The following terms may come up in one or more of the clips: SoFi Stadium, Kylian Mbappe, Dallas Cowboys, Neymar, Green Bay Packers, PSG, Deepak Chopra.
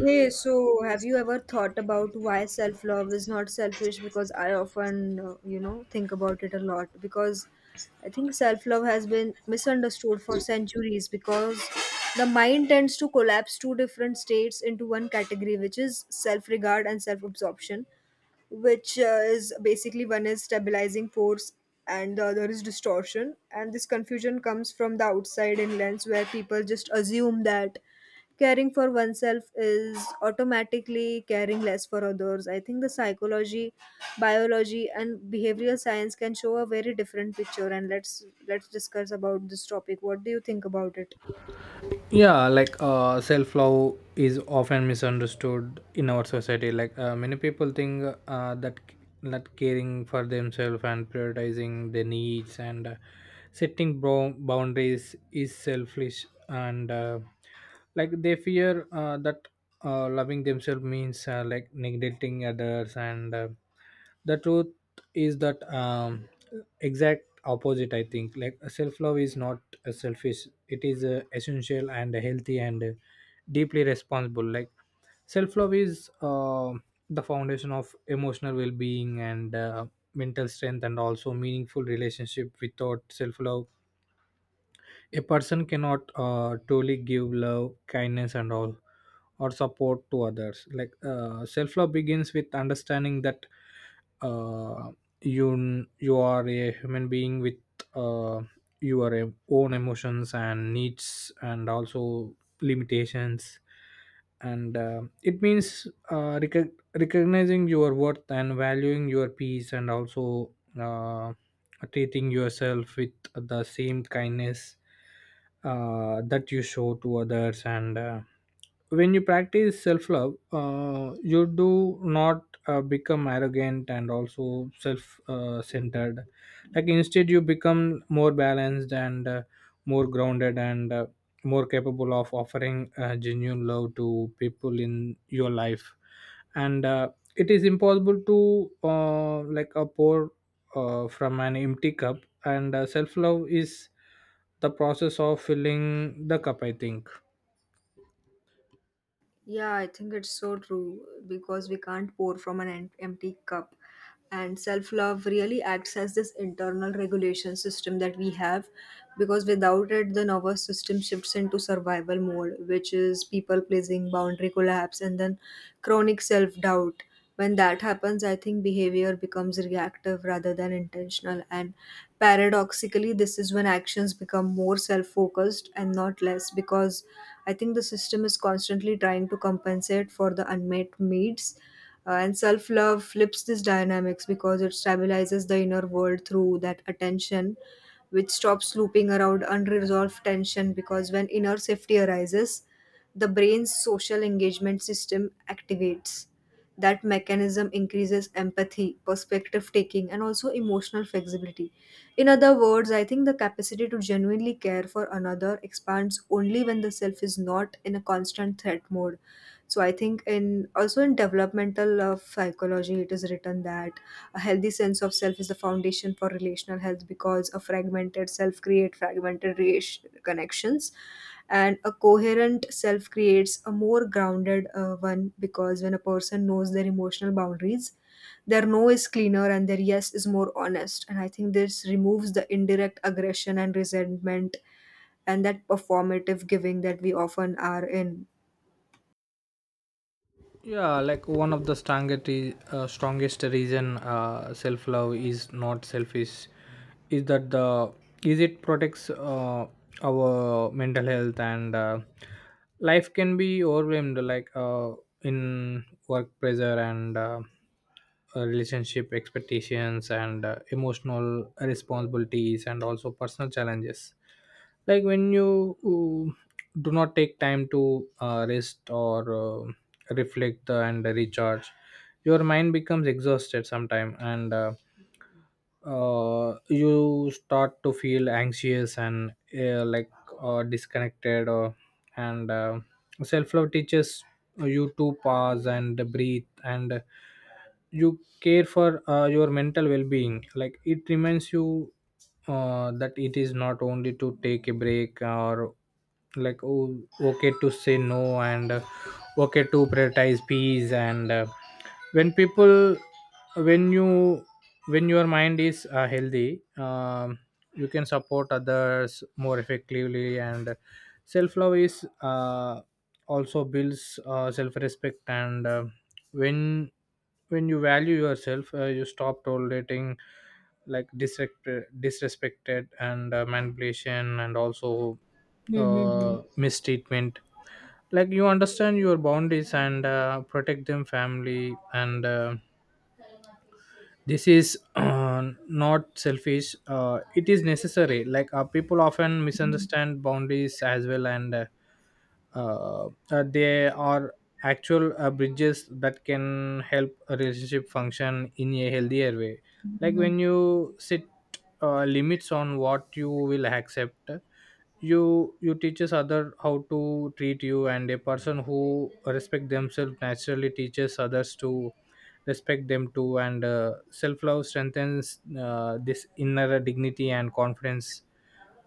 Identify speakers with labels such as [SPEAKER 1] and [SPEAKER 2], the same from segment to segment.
[SPEAKER 1] Hey, so have you ever thought about why self-love is not selfish? Because I often, think about it a lot. Because I think self-love has been misunderstood for centuries because the mind tends to collapse two different states into one category, which is self-regard and self-absorption, which is basically one is stabilizing force and the other is distortion. And this confusion comes from the outside in lens where people just assume that caring for oneself is automatically caring less for others. I think the psychology, biology, and behavioral science can show a very different picture. And let's discuss about this topic. What do you think about it?
[SPEAKER 2] Yeah. Self-love is often misunderstood in our society, many people think that caring for themselves and prioritizing their needs, and setting boundaries is selfish, and they fear that loving themselves means neglecting others, and the truth is that exact opposite, I think. Self love is not a selfish, it is essential and healthy, and deeply responsible. Self love is the foundation of emotional well being, and mental strength, and also meaningful relationship. Without self love, a person cannot truly give love, kindness, and all or support to others. Self love begins with understanding that uh, you you are a human being with uh, your own emotions and needs, and also limitations. And it means recognizing your worth, and valuing your peace, and also uh, treating yourself with the same kindness that you show to others. And when you practice self love, you do not become arrogant, and also self centered. Instead, you become more balanced, and more grounded, and more capable of offering genuine love to people in your life. And it is impossible to a pour from an empty cup. And self love is the process of filling the cup, I think.
[SPEAKER 1] Yeah, I think it's so true because we can't pour from an empty cup. And self love really acts as this internal regulation system that we have because without it, the nervous system shifts into survival mode, which is people pleasing, boundary collapse, and then chronic self doubt. When that happens, I think behavior becomes reactive rather than intentional. And paradoxically, this is when actions become more self focused and not less because I think the system is constantly trying to compensate for the unmet needs. And self love flips this dynamics because it stabilizes the inner world through that attention which stops looping around unresolved tension because when inner safety arises, the brain's social engagement system activates that mechanism increases empathy, perspective taking, and also emotional flexibility. In other words, I think the capacity to genuinely care for another expands only when the self is not in a constant threat mode. So I think in also in developmental psychology, it is written that a healthy sense of self is the foundation for relational health because a fragmented self creates fragmented connections, and a coherent self creates a more grounded one because when a person knows their emotional boundaries, their no is cleaner and their yes is more honest. And I think this removes the indirect aggression and resentment and that performative giving that we often are in.
[SPEAKER 2] Yeah. One of the strongest strongest reason self love is not selfish is that the is it protects our mental health. And Life can be overwhelmed, in work pressure, and relationship expectations, and emotional responsibilities, and also personal challenges. When you uh, do not take time to rest or uh, reflect and recharge, your mind becomes exhausted sometime, and you start to feel anxious and uh, like disconnected or. And self-love teaches you to pause and breathe, and you care for your mental well-being. It reminds you that it is not only to take a break, or oh, okay to say no, and okay to prioritize peace. And when people when you when your mind is healthy, you can support others more effectively. And self-love is also builds self-respect, and when when you value yourself, you stop tolerating disrespect, disrespected, and manipulation, and also
[SPEAKER 1] Mm-hmm.
[SPEAKER 2] mistreatment. You understand your boundaries, and protect them family. And This is not selfish, it is necessary. People often misunderstand boundaries as well, and they are actual bridges that can help a relationship function in a healthier way. When you set limits on what you will accept, you teaches other how to treat you, and a person who respect themselves naturally teaches others to respect them too. And self-love strengthens this inner dignity and confidence.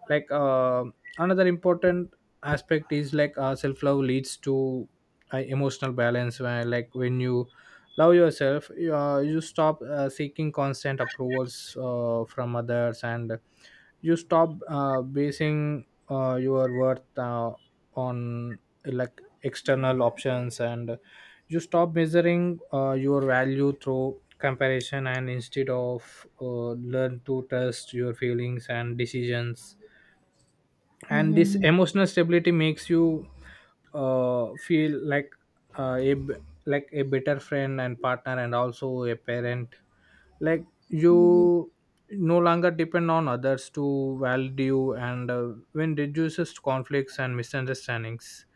[SPEAKER 2] like uh, Another important aspect is, self love leads to emotional balance, where when you love yourself, you, you stop seeking constant approvals from others, and you stop basing your worth on external options, and you stop measuring your value through comparison, and instead of learn to trust your feelings and decisions. And this emotional stability makes you feel like uh, a b- a better friend, and partner, and also a parent. like you no longer depend on others to validate you, and when reduces conflicts and misunderstandings,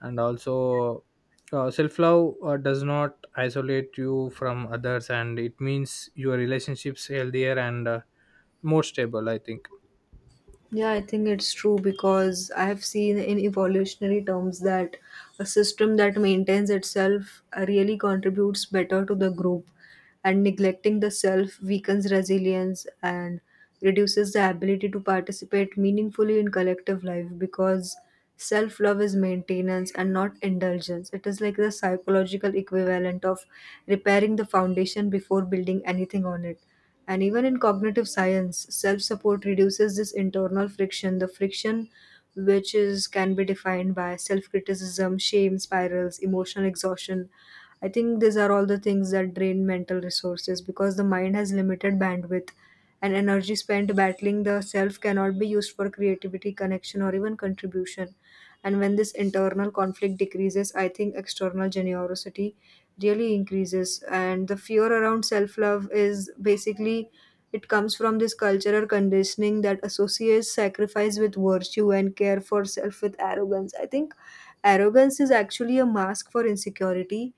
[SPEAKER 2] and also self-love does not isolate you from others, and it means your relationships healthier, and more stable, I think.
[SPEAKER 1] Yeah, I think it's true because I have seen in evolutionary terms that a system that maintains itself really contributes better to the group, and neglecting the self weakens resilience and reduces the ability to participate meaningfully in collective life because self love is maintenance and not indulgence. It is like the psychological equivalent of repairing the foundation before building anything on it. And even in cognitive science, self support reduces this internal friction, the friction which is can be defined by self criticism, shame spirals, emotional exhaustion. I think these are all the things that drain mental resources because the mind has limited bandwidth and energy spent battling the self cannot be used for creativity, connection, or even contribution. And when this internal conflict decreases, I think external generosity really increases. And the fear around self love is basically it comes from this cultural conditioning that associates sacrifice with virtue and care for self with arrogance. I think arrogance is actually a mask for insecurity,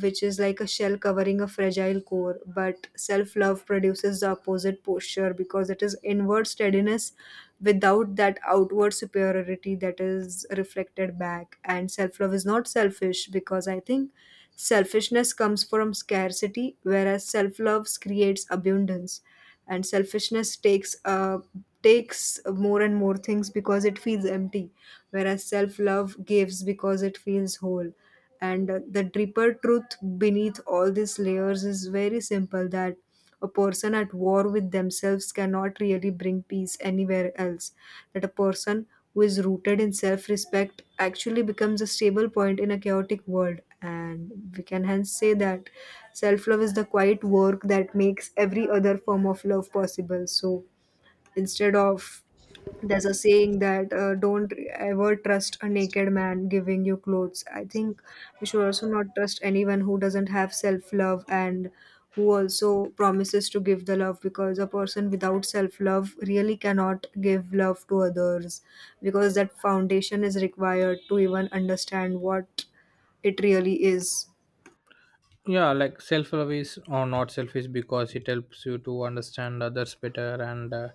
[SPEAKER 1] which is like a shell covering a fragile core. But self love produces the opposite posture because it is inward steadiness without that outward superiority that is reflected back. And self love is not selfish because I think selfishness comes from scarcity, whereas self love creates abundance. And selfishness takes more and more things because it feels empty, whereas self love gives because it feels whole, and the deeper truth beneath all these layers is very simple, that a person at war with themselves cannot really bring peace anywhere else, that a person who is rooted in self-respect actually becomes a stable point in a chaotic world. And we can hence say that self-love is the quiet work that makes every other form of love possible. So instead of, there's a saying that don't ever trust a naked man giving you clothes. I think we should also not trust anyone who doesn't have self love and who also promises to give the love, because a person without self love really cannot give love to others because that foundation is required to even understand what it really is.
[SPEAKER 2] Yeah. Self-love or not selfish because it helps you to understand others better, and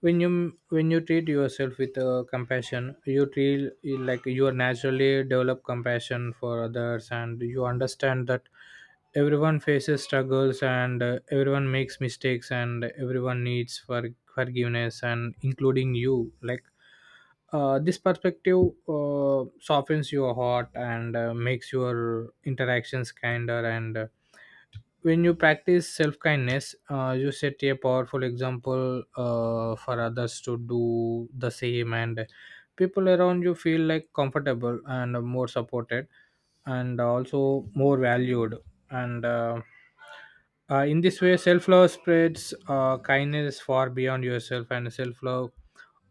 [SPEAKER 2] when you treat yourself with compassion, you feel like you are naturally develop compassion for others, and you understand that everyone faces struggles, and everyone makes mistakes, and everyone needs for forgiveness and including you. This perspective softens your heart, and makes your interactions kinder. And when you practice self kindness, you set a powerful example for others to do the same, and people around you feel like comfortable and more supported, and also more valued. And in this way, self love spreads kindness far beyond yourself, and self love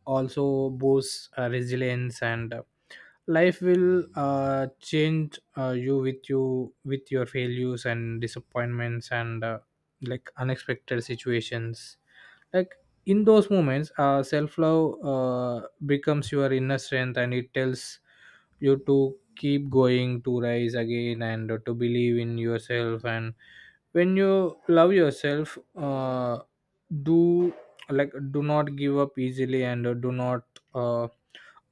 [SPEAKER 2] also boosts resilience, and life will change you with your failures and disappointments, and unexpected situations. like in those moments, self-love becomes your inner strength, and it tells you to keep going, to rise again, and to believe in yourself. And when you love yourself, do do not give up easily, and do not uh,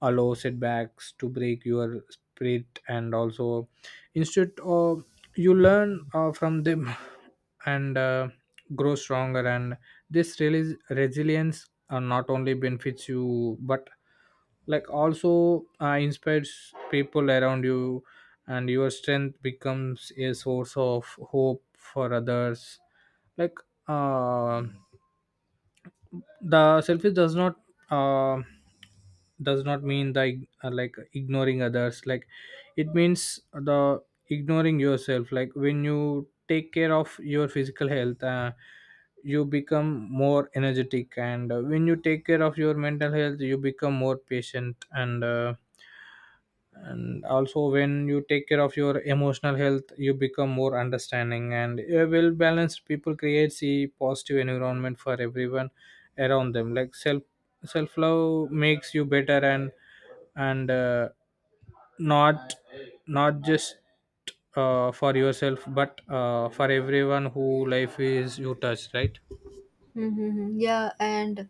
[SPEAKER 2] allow setbacks to break your spirit, and also instead of you learn from them and grow stronger. And this really resilience not only benefits you, but also inspires people around you, and your strength becomes a source of hope for others. like uh, the selfish does not uh, mean the ignoring others. It means the ignoring yourself. When you take care of your physical health, you become more energetic, and when you take care of your mental health, you become more patient, and also when you take care of your emotional health, you become more understanding, and a well balanced people creates a positive environment for everyone around them. Self love makes you better, and not not just for yourself, but for everyone who life is you touch, right?
[SPEAKER 1] Mm-hmm. Yeah, and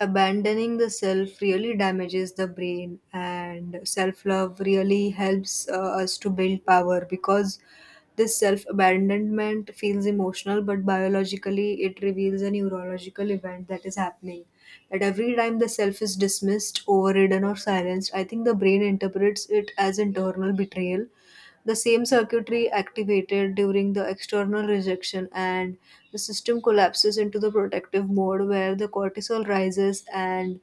[SPEAKER 1] abandoning the self really damages the brain, and self love really helps us to build power because this self abandonment feels emotional, but biologically, it reveals a neurological event that is happening. That every time the self is dismissed, overridden, or silenced, I think the brain interprets it as internal betrayal, the same circuitry activated during the external rejection, and the system collapses into the protective mode where the cortisol rises and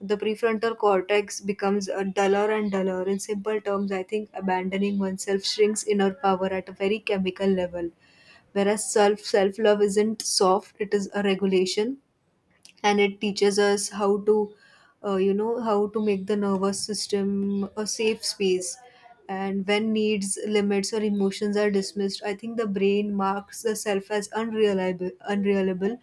[SPEAKER 1] the prefrontal cortex becomes duller and duller. In simple terms, I think abandoning oneself shrinks inner power at a very chemical level, whereas self love isn't soft; it is a regulation and it teaches us how to you know how to make the nervous system a safe space. And when needs limits or emotions are dismissed, I think the brain marks the self as unreliable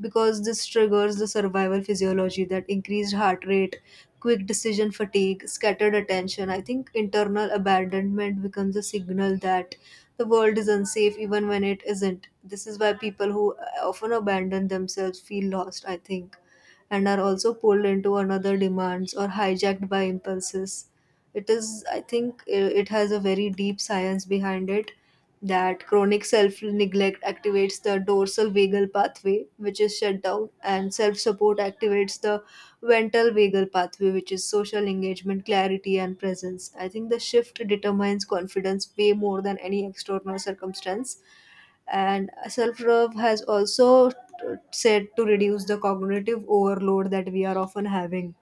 [SPEAKER 1] because this triggers the survival physiology, that increased heart rate, quick decision fatigue, scattered attention. I think internal abandonment becomes a signal that the world is unsafe even when it isn't. This is why people who often abandon themselves feel lost, I think, and are also pulled into another demands or hijacked by impulses. It is, I think, it has a very deep science behind it that chronic self neglect activates the dorsal vagal pathway, which is shut down, and self support activates the ventral vagal pathway, which is social engagement, clarity, and presence. I think the shift determines confidence way more than any external circumstance. And self love has also said to reduce the cognitive overload that we are often having.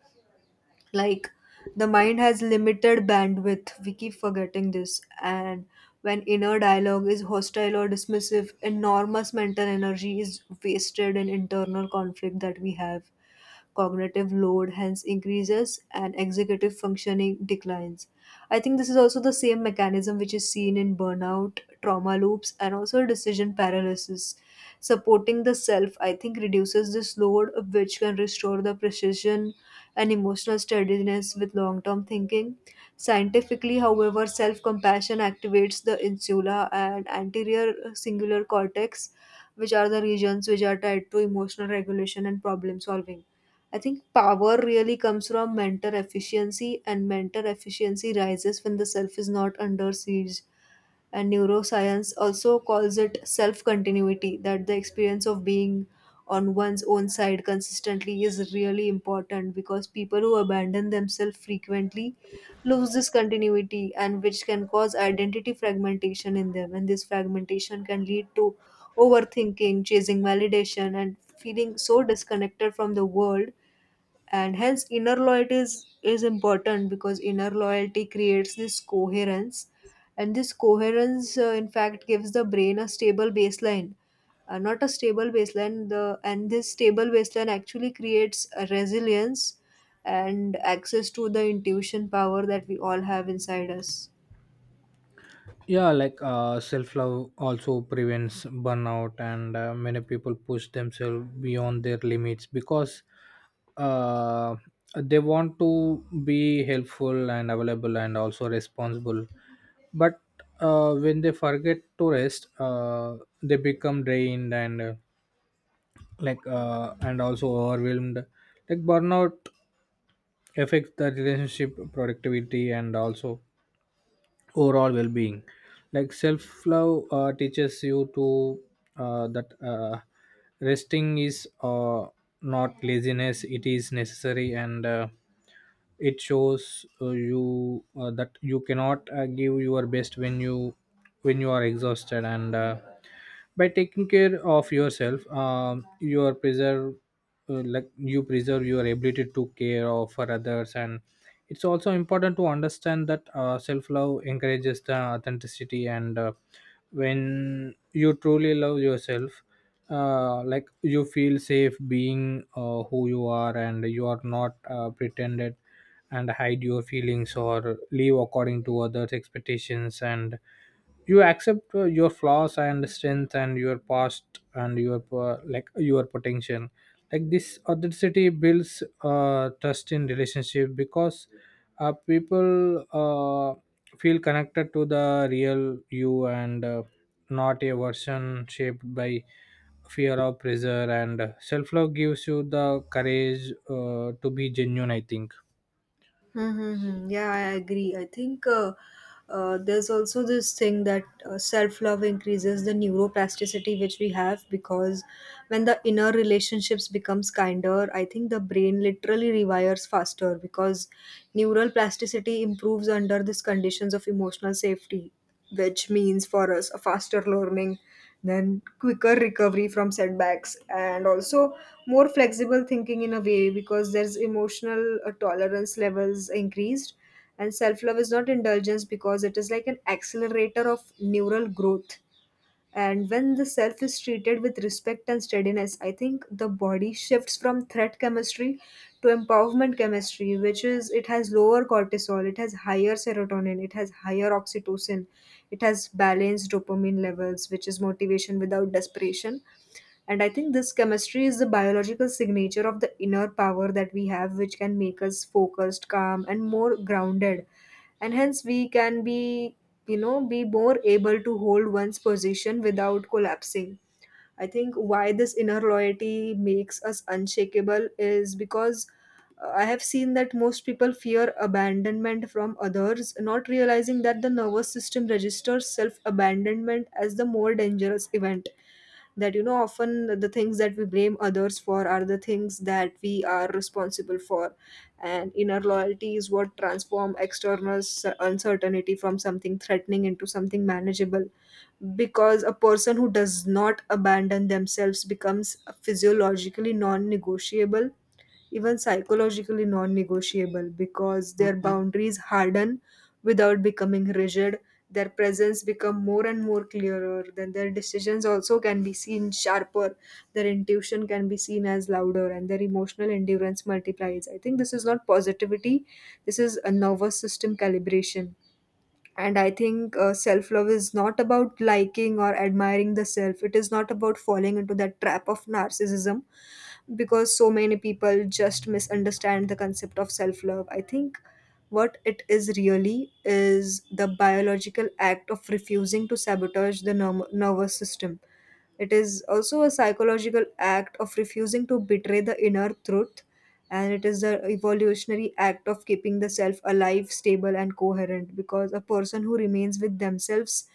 [SPEAKER 1] Like, the mind has limited bandwidth, we keep forgetting this. And when inner dialogue is hostile or dismissive, enormous mental energy is wasted in internal conflict that we have. Cognitive load hence increases and executive functioning declines. I think this is also the same mechanism which is seen in burnout, trauma loops, and also decision paralysis. Supporting the self, I think, reduces this load, which can restore the precision and emotional steadiness with long term thinking. Scientifically, however, self compassion activates the insula and anterior singular cortex, which are the regions which are tied to emotional regulation and problem solving. I think power really comes from mental efficiency, and mental efficiency rises when the self is not under siege. And neuroscience also calls it self continuity, that the experience of being on one's own side consistently is really important because people who abandon themselves frequently lose this continuity, and which can cause identity fragmentation in them, and this fragmentation can lead to overthinking, chasing validation, and feeling so disconnected from the world. And hence inner loyalty is important because inner loyalty creates this coherence, and this coherence in fact gives the brain a stable baseline, not a stable baseline the and this stable baseline actually creates a resilience and access to the intuition power that we all have inside us.
[SPEAKER 2] Yeah. Self love also prevents burnout, and many people push themselves beyond their limits because uh, they want to be helpful and available and also responsible. But when they forget to rest, they become drained, and and also overwhelmed. Burnout affects the relationship productivity, and also overall well-being. Self-love teaches you to that resting is not laziness, it is necessary. And It shows you that you cannot give your best when you are exhausted. And by taking care of yourself, you are preserve, you preserve your ability to care of for others. And it's also important to understand that self-love encourages the authenticity, and when you truly love yourself, you feel safe being who you are, and you are not pretended and hide your feelings, or live according to others expectations, and you accept your flaws, and strength, and your past, and your your potential. This authenticity builds trust in relationship, because people feel connected to the real you, and not a version shaped by fear or pressure. And self-love gives you the courage to be genuine, I think.
[SPEAKER 1] Mm-hmm. Yeah, I agree. I think there's also this thing that self love increases the neuroplasticity which we have because when the inner relationships becomes kinder, I think the brain literally rewires faster because neural plasticity improves under these conditions of emotional safety, which means for us a faster learning, then quicker recovery from setbacks, and also more flexible thinking in a way because there's emotional tolerance levels increased. And self love is not indulgence because it is like an accelerator of neural growth. And when the self is treated with respect and steadiness, I think the body shifts from threat chemistry to empowerment chemistry, which is it has lower cortisol, it has higher serotonin, it has higher oxytocin, it has balanced dopamine levels, which is motivation without desperation. And I think this chemistry is the biological signature of the inner power that we have, which can make us focused, calm, and more grounded. And hence, we can be, you know, be more able to hold one's position without collapsing. I think why this inner loyalty makes us unshakable is because I have seen that most people fear abandonment from others, not realizing that the nervous system registers self abandonment as the more dangerous event, that you know often the things that we blame others for are the things that we are responsible for. And inner loyalty is what transform external uncertainty from something threatening into something manageable, because a person who does not abandon themselves becomes physiologically non-negotiable, even psychologically non negotiable because their boundaries harden without becoming rigid. Their presence become more and more clearer, then their decisions also can be seen sharper, their intuition can be seen as louder, and their emotional endurance multiplies. I think this is not positivity, this is a nervous system calibration. And I think self love is not about liking or admiring the self. It is not about falling into that trap of narcissism because so many people just misunderstand the concept of self love. I think what it is really is the biological act of refusing to sabotage the nervous system. It is also a psychological act of refusing to betray the inner truth, and it is the evolutionary act of keeping the self alive, stable, and coherent, because a person who remains with themselves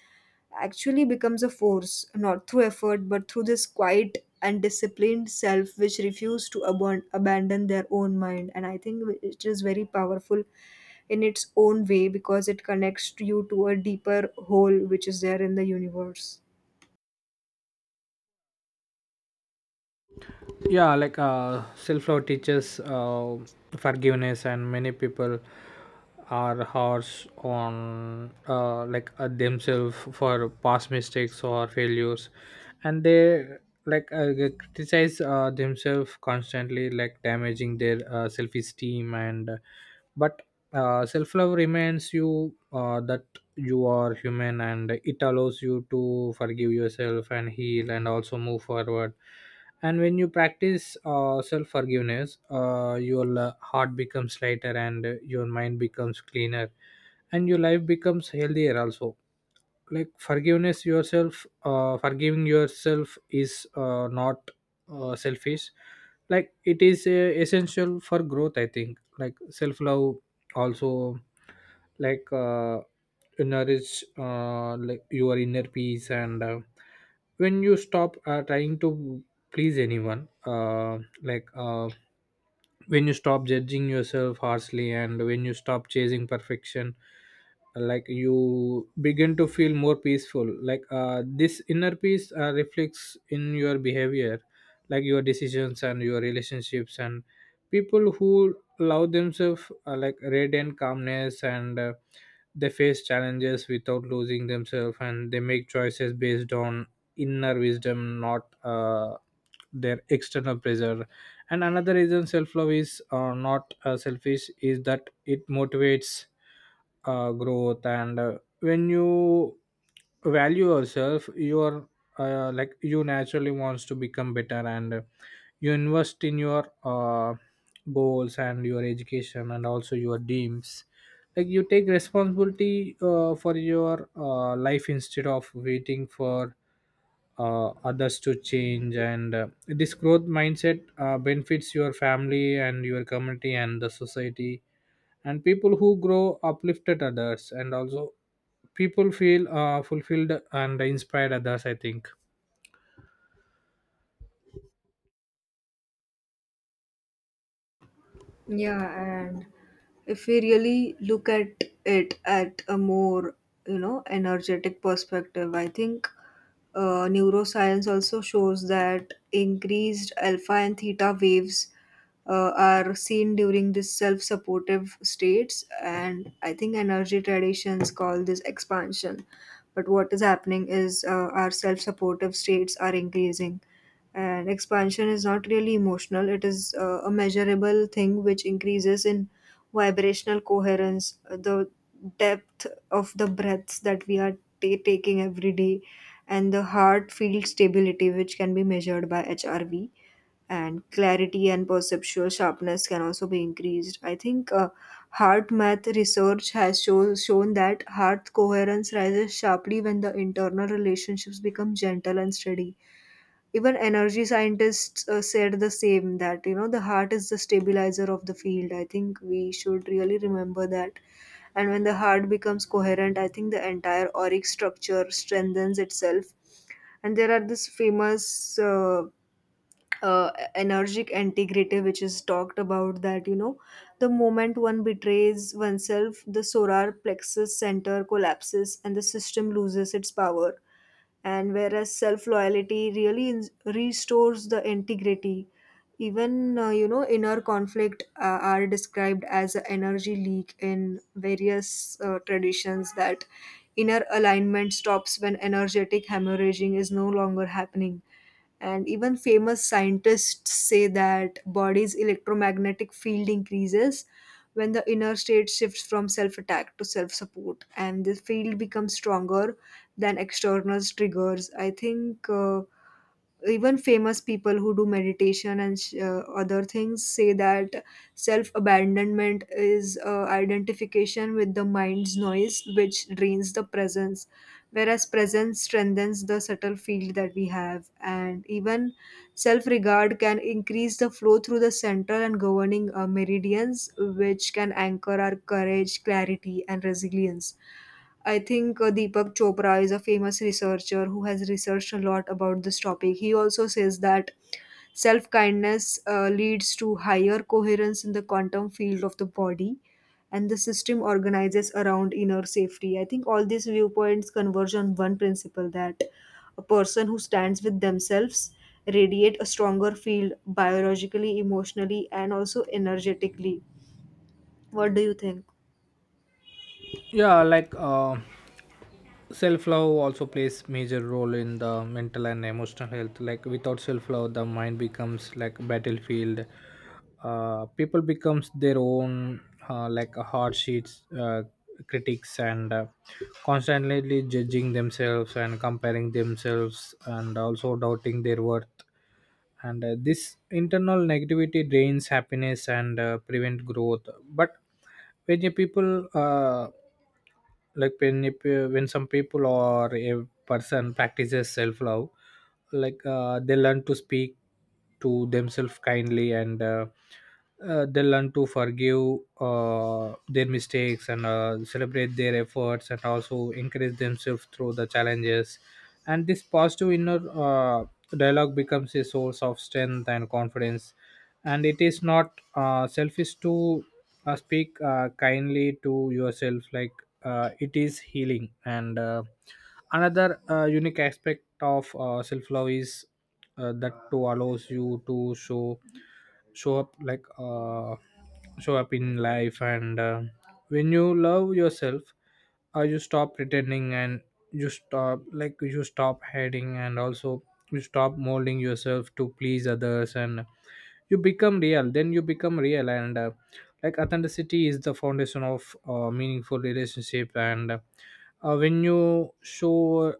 [SPEAKER 1] actually becomes a force, not through effort, but through this quiet and disciplined self which refuse to abandon their own mind. And I think it is very powerful in its own way because it connects you to a deeper whole which is there in the universe.
[SPEAKER 2] Yeah. Self-love teaches forgiveness, and many people are harsh on themselves for past mistakes or failures, and they they criticize themselves constantly, damaging their self-esteem. And but uh, self love reminds you that you are human, and it allows you to forgive yourself, and heal, and also move forward. And when you practice self forgiveness, your heart becomes lighter, and your mind becomes cleaner, and your life becomes healthier also. Forgiveness yourself, forgiving yourself is not selfish. It is essential for growth, I think. Self love also like uh, nourish your inner peace. And When you stop trying to please anyone, when you stop judging yourself harshly, and when you stop chasing perfection, you begin to feel more peaceful. This inner peace reflects in your behavior, your decisions, and your relationships. And people who allow themselves radiant calmness, and they face challenges without losing themselves, and they make choices based on inner wisdom, not their external pressure. And another reason self-love is not selfish is that it motivates growth, and when you value yourself, you are you naturally wants to become better, and you invest in your goals, and your education, and also your dreams. You take responsibility for your life, instead of waiting for others to change. And This growth mindset benefits your family, and your community, and the society, and people who grow uplifted others, and also people feel fulfilled and inspired others, I think.
[SPEAKER 1] Yeah, and if we really look at it at a more, you know, energetic perspective, I think neuroscience also shows that increased alpha and theta waves are seen during this self-supportive states, and I think energy traditions call this expansion. But what is happening is our self-supportive states are increasing, and expansion is not really emotional. It is a measurable thing which increases in vibrational coherence, the depth of the breaths that we are ta taking every day, and the heart field stability, which can be measured by HRV, and clarity and perceptual sharpness can also be increased. I think heart math research has shown that heart coherence rises sharply when the internal relationships become gentle and steady. Even energy scientists said the same, that you know the heart is the stabilizer of the field. I think we should really remember that. And when the heart becomes coherent, I think the entire auric structure strengthens itself. And there are this famous energetic integrative which is talked about, that you know the moment one betrays oneself, the solar plexus center collapses and the system loses its power. And whereas self loyalty really restores the integrity. Even you know, inner conflict are described as an energy leak in various traditions, that inner alignment stops when energetic hemorrhaging is no longer happening. And even famous scientists say that body's electromagnetic field increases when the inner state shifts from self-attack to self-support, and the field becomes stronger than external triggers. I think even famous people who do meditation and other things say that self abandonment is identification with the mind's noise, which drains the presence, whereas presence strengthens the subtle field that we have. And even self regard can increase the flow through the central and governing meridians, which can anchor our courage, clarity, and resilience. I think Deepak Chopra is a famous researcher who has researched a lot about this topic. He also says that self kindness leads to higher coherence in the quantum field of the body, and the system organizes around inner safety. I think all these viewpoints converge on one principle, that a person who stands with themselves radiate a stronger field biologically, emotionally, and also energetically. What do you think?
[SPEAKER 2] Yeah. Self love also plays major role in the mental and emotional health. Without self love the mind becomes Like battlefield. People becomes their own like a hard sheets, critics, and constantly judging themselves and comparing themselves and also doubting their worth. And this internal negativity drains happiness and prevent growth. But when the people, like when if, when some people or a person practices self love, they learn to speak to themselves kindly, and they learn to forgive their mistakes and celebrate their efforts and also encourage themselves through the challenges. And this positive inner dialogue becomes a source of strength and confidence. And it is not selfish to speak kindly to yourself. Like it is healing. And uh, another uh, unique aspect of self love is that to allows you to show up, show up in life. And when you love yourself, you stop pretending, and you stop hiding, and also you stop molding yourself to please others, and you become real. And Like authenticity is the foundation of meaningful relationship. And when you show uh,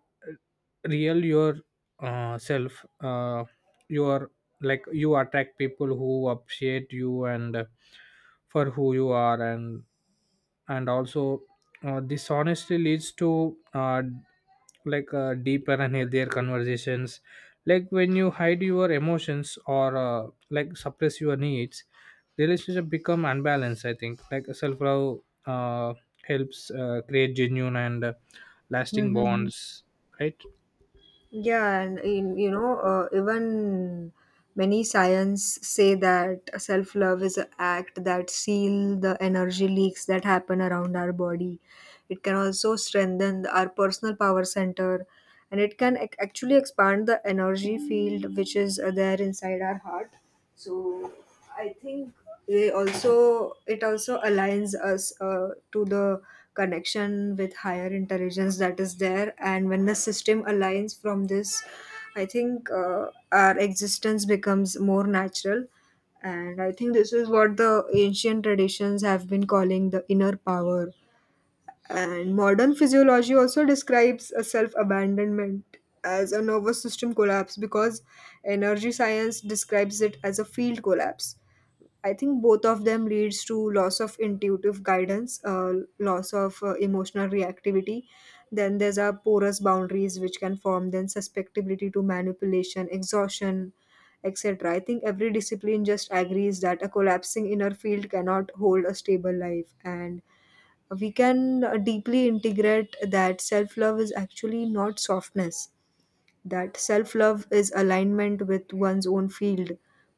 [SPEAKER 2] real your self, you are, like, you attract people who appreciate you and for who you are. And also, this honestly leads to, deeper and healthier conversations. Like when you hide your emotions or, like, suppress your needs, relationship become unbalanced, I think. Like self-love uh, helps create genuine and lasting
[SPEAKER 1] Mhm.
[SPEAKER 2] bonds, right?
[SPEAKER 1] Yeah, and in, you know, even many science say that self-love is an act that seal the energy leaks that happen around our body. It can also strengthen our personal power center, and it can actually expand the energy field, which is there inside our heart. So I think they also it also aligns us to the connection with higher intelligence that is there. And when the system aligns from this, I think our existence becomes more natural. And I think this is what the ancient traditions have been calling the inner power. And modern physiology also describes a self abandonment as a nervous system collapse, because energy science describes it as a field collapse. I think both of them leads to loss of intuitive guidance, loss of emotional reactivity. Then there's our porous boundaries which can form, then susceptibility to manipulation, exhaustion, etc. I think every discipline just agrees that a collapsing inner field cannot hold a stable life, and we can deeply integrate that self love is actually not softness, that self love is alignment with one's own field,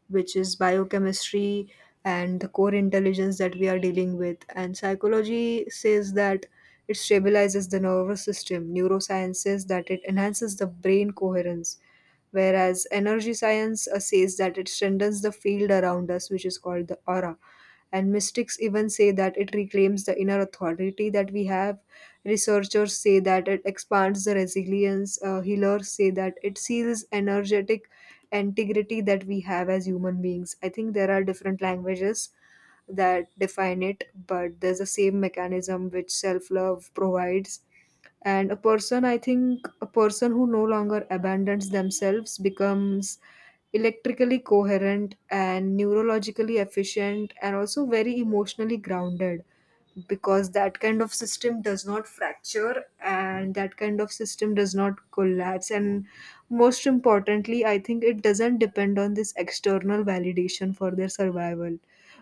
[SPEAKER 1] which is biochemistry and the core intelligence that we are dealing with. And psychology says that it stabilizes the nervous system, neuroscience says that it enhances the brain coherence, whereas energy science says that it strengthens the field around us, which is called the aura. And mystics even say that it reclaims the inner authority that we have. Researchers say that it expands the resilience. Healers say that it seals energetic integrity that we have as human beings. I think there are different languages that define it, but there's the same mechanism which self love provides. And a person I think a person who no longer abandons themselves becomes electrically coherent and neurologically efficient and also very emotionally grounded, because that kind of system does not fracture, and that kind of system does not collapse. And most importantly, I think it doesn't depend on this external validation for their survival,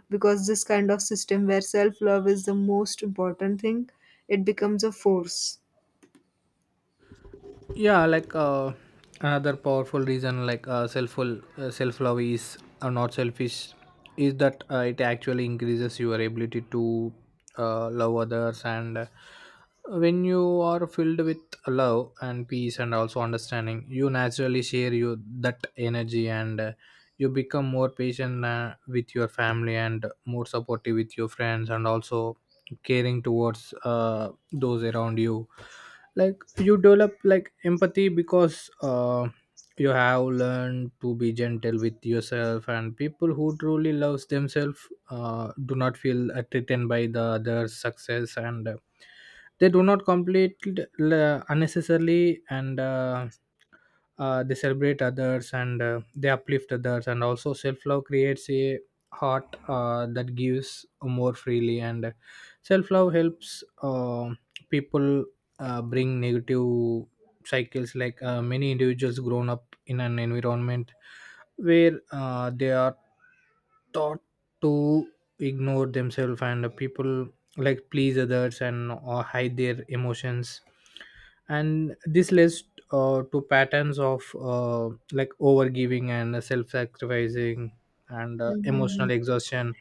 [SPEAKER 1] because this kind of system where self love is the most important thing, it becomes a force.
[SPEAKER 2] Yeah. Another powerful reason, like selfful self-love is not selfish, is that it actually increases your ability to love others. And when you are filled with love and peace and also understanding, you naturally share you that energy, and you become more patient with your family, and more supportive with your friends, and also caring towards those around you. Like you develop, like, empathy, because you have learned to be gentle with yourself. And people who truly loves themselves do not feel threatened by the other's success, and they do not unnecessarily, and they celebrate others, and they uplift others. And also, self-love creates a heart that gives more freely. And self-love helps people bring negative cycles. Many individuals grown up in an environment where they are taught to ignore themselves, and people, like, please others and or hide their emotions. And this leads to patterns of, like, overgiving and self-sacrificing, and
[SPEAKER 1] Mhm,
[SPEAKER 2] emotional exhaustion.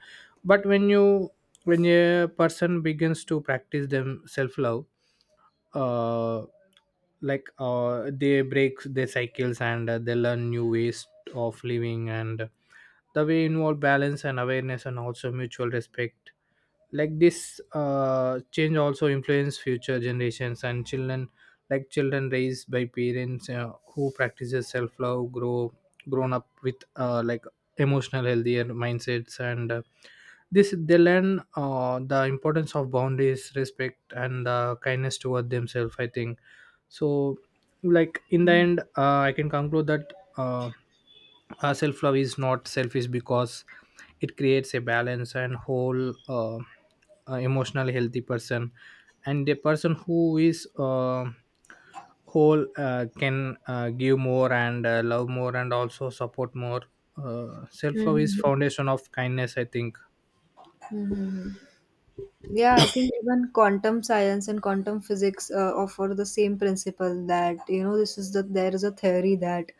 [SPEAKER 2] But when a person begins to practice them self-love, uh, they break their cycles, and they learn new ways of living, and the way involve balance and awareness and also mutual respect. Like this change also influence future generations and children. Like children raised by parents who practices self-love grown up with, like, emotional healthier mindsets, and this they learn the importance of boundaries respect, and kindness toward themselves, I think. So, like, in the end, I can conclude that, self-love is not selfish because it creates a balance and whole, emotionally healthy person. And a person who is, whole, can give more, and love more, and also support more. Self-love is
[SPEAKER 1] mhm,
[SPEAKER 2] foundation of kindness, I think.
[SPEAKER 1] mhm, mhm. Yeah, I think even quantum science and quantum physics offer the same principle, that you know this is the there is a theory that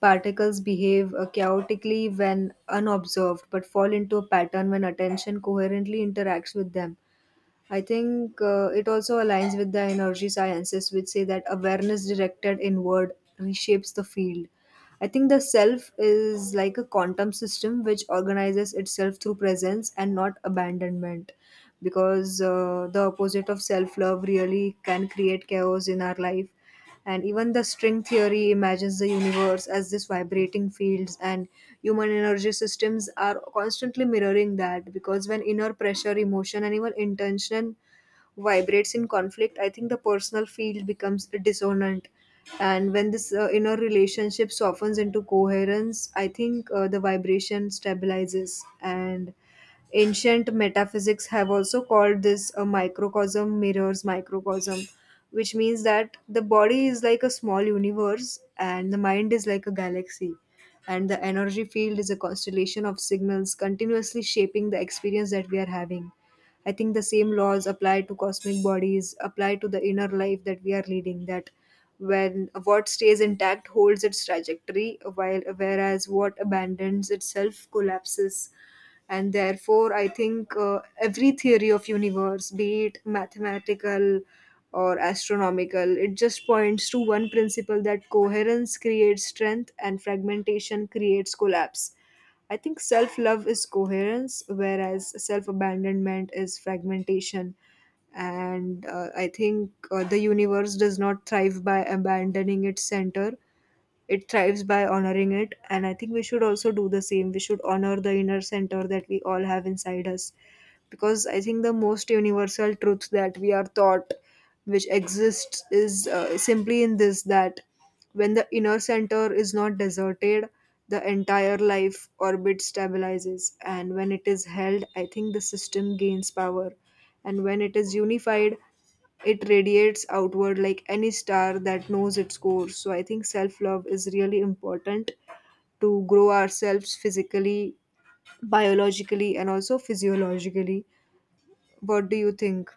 [SPEAKER 1] particles behave chaotically when unobserved, but fall into a pattern when attention coherently interacts with them. I think it also aligns with the energy sciences, which say that awareness directed inward reshapes the field. I think the self is like a quantum system which organizes itself through presence and not abandonment, because the opposite of self love really can create chaos in our life. And even the string theory imagines the universe as this vibrating fields, and human energy systems are constantly mirroring that. Because when inner pressure, emotion, and even intention vibrates in conflict, I think the personal field becomes dissonant. And when this inner relationship softens into coherence, I think the vibration stabilizes. And ancient metaphysics have also called this a microcosm mirrors microcosm, which means that the body is like a small universe and the mind is like a galaxy, and the energy field is a constellation of signals continuously shaping the experience that we are having. I think the same laws apply to cosmic bodies, apply to the inner life that we are leading. That when what stays intact holds its trajectory, while whereas what abandons itself collapses. And therefore, I think every theory of universe, be it mathematical or astronomical, it just points to one principle, that coherence creates strength and fragmentation creates collapse. I think self love is coherence, whereas self abandonment is fragmentation. And I think the universe does not thrive by abandoning its center, it thrives by honoring it. And I think we should also do the same. We should honor the inner center that we all have inside us, because I think the most universal truth that we are taught which exists is simply in this, that when the inner center is not deserted, the entire life orbit stabilizes, and when it is held, I think the system gains power. And when it is unified, it radiates outward like any star that knows its course. So I think self love is really important to grow ourselves physically, biologically, and also physiologically. What do you think?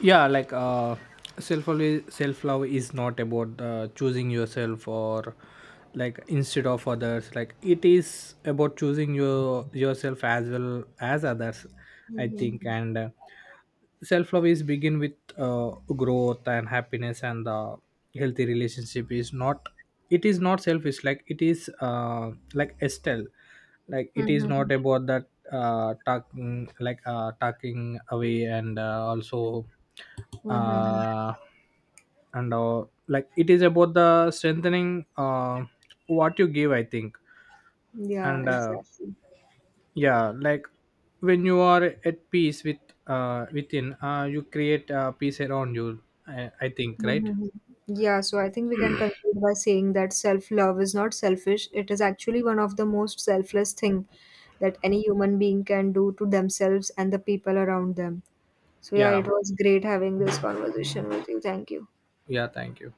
[SPEAKER 2] Yeah. Self self love is not about choosing yourself or, like, instead of others. Like it is about choosing your yourself as well as others, I think.
[SPEAKER 1] Mhm.
[SPEAKER 2] And self love is begin with, growth and happiness, and the healthy relationship is not it is not selfish. Like it is, like, estelle, like it is
[SPEAKER 1] Mhm.
[SPEAKER 2] not about that, talking away, and also
[SPEAKER 1] Mhm.
[SPEAKER 2] uh, and like it is about the strengthening what you give, I think.
[SPEAKER 1] Yeah,
[SPEAKER 2] And
[SPEAKER 1] exactly.
[SPEAKER 2] Yeah, like, when you are at peace with, within, you create peace around you. I think, right?
[SPEAKER 1] Mhm. Yeah, so I think we can conclude by saying that self love is not selfish. It is actually one of the most selfless thing that any human being can do to themselves and the people around them. So yeah, it
[SPEAKER 2] Yeah.
[SPEAKER 1] was great having this conversation with you. Thank you.
[SPEAKER 2] Yeah, thank you.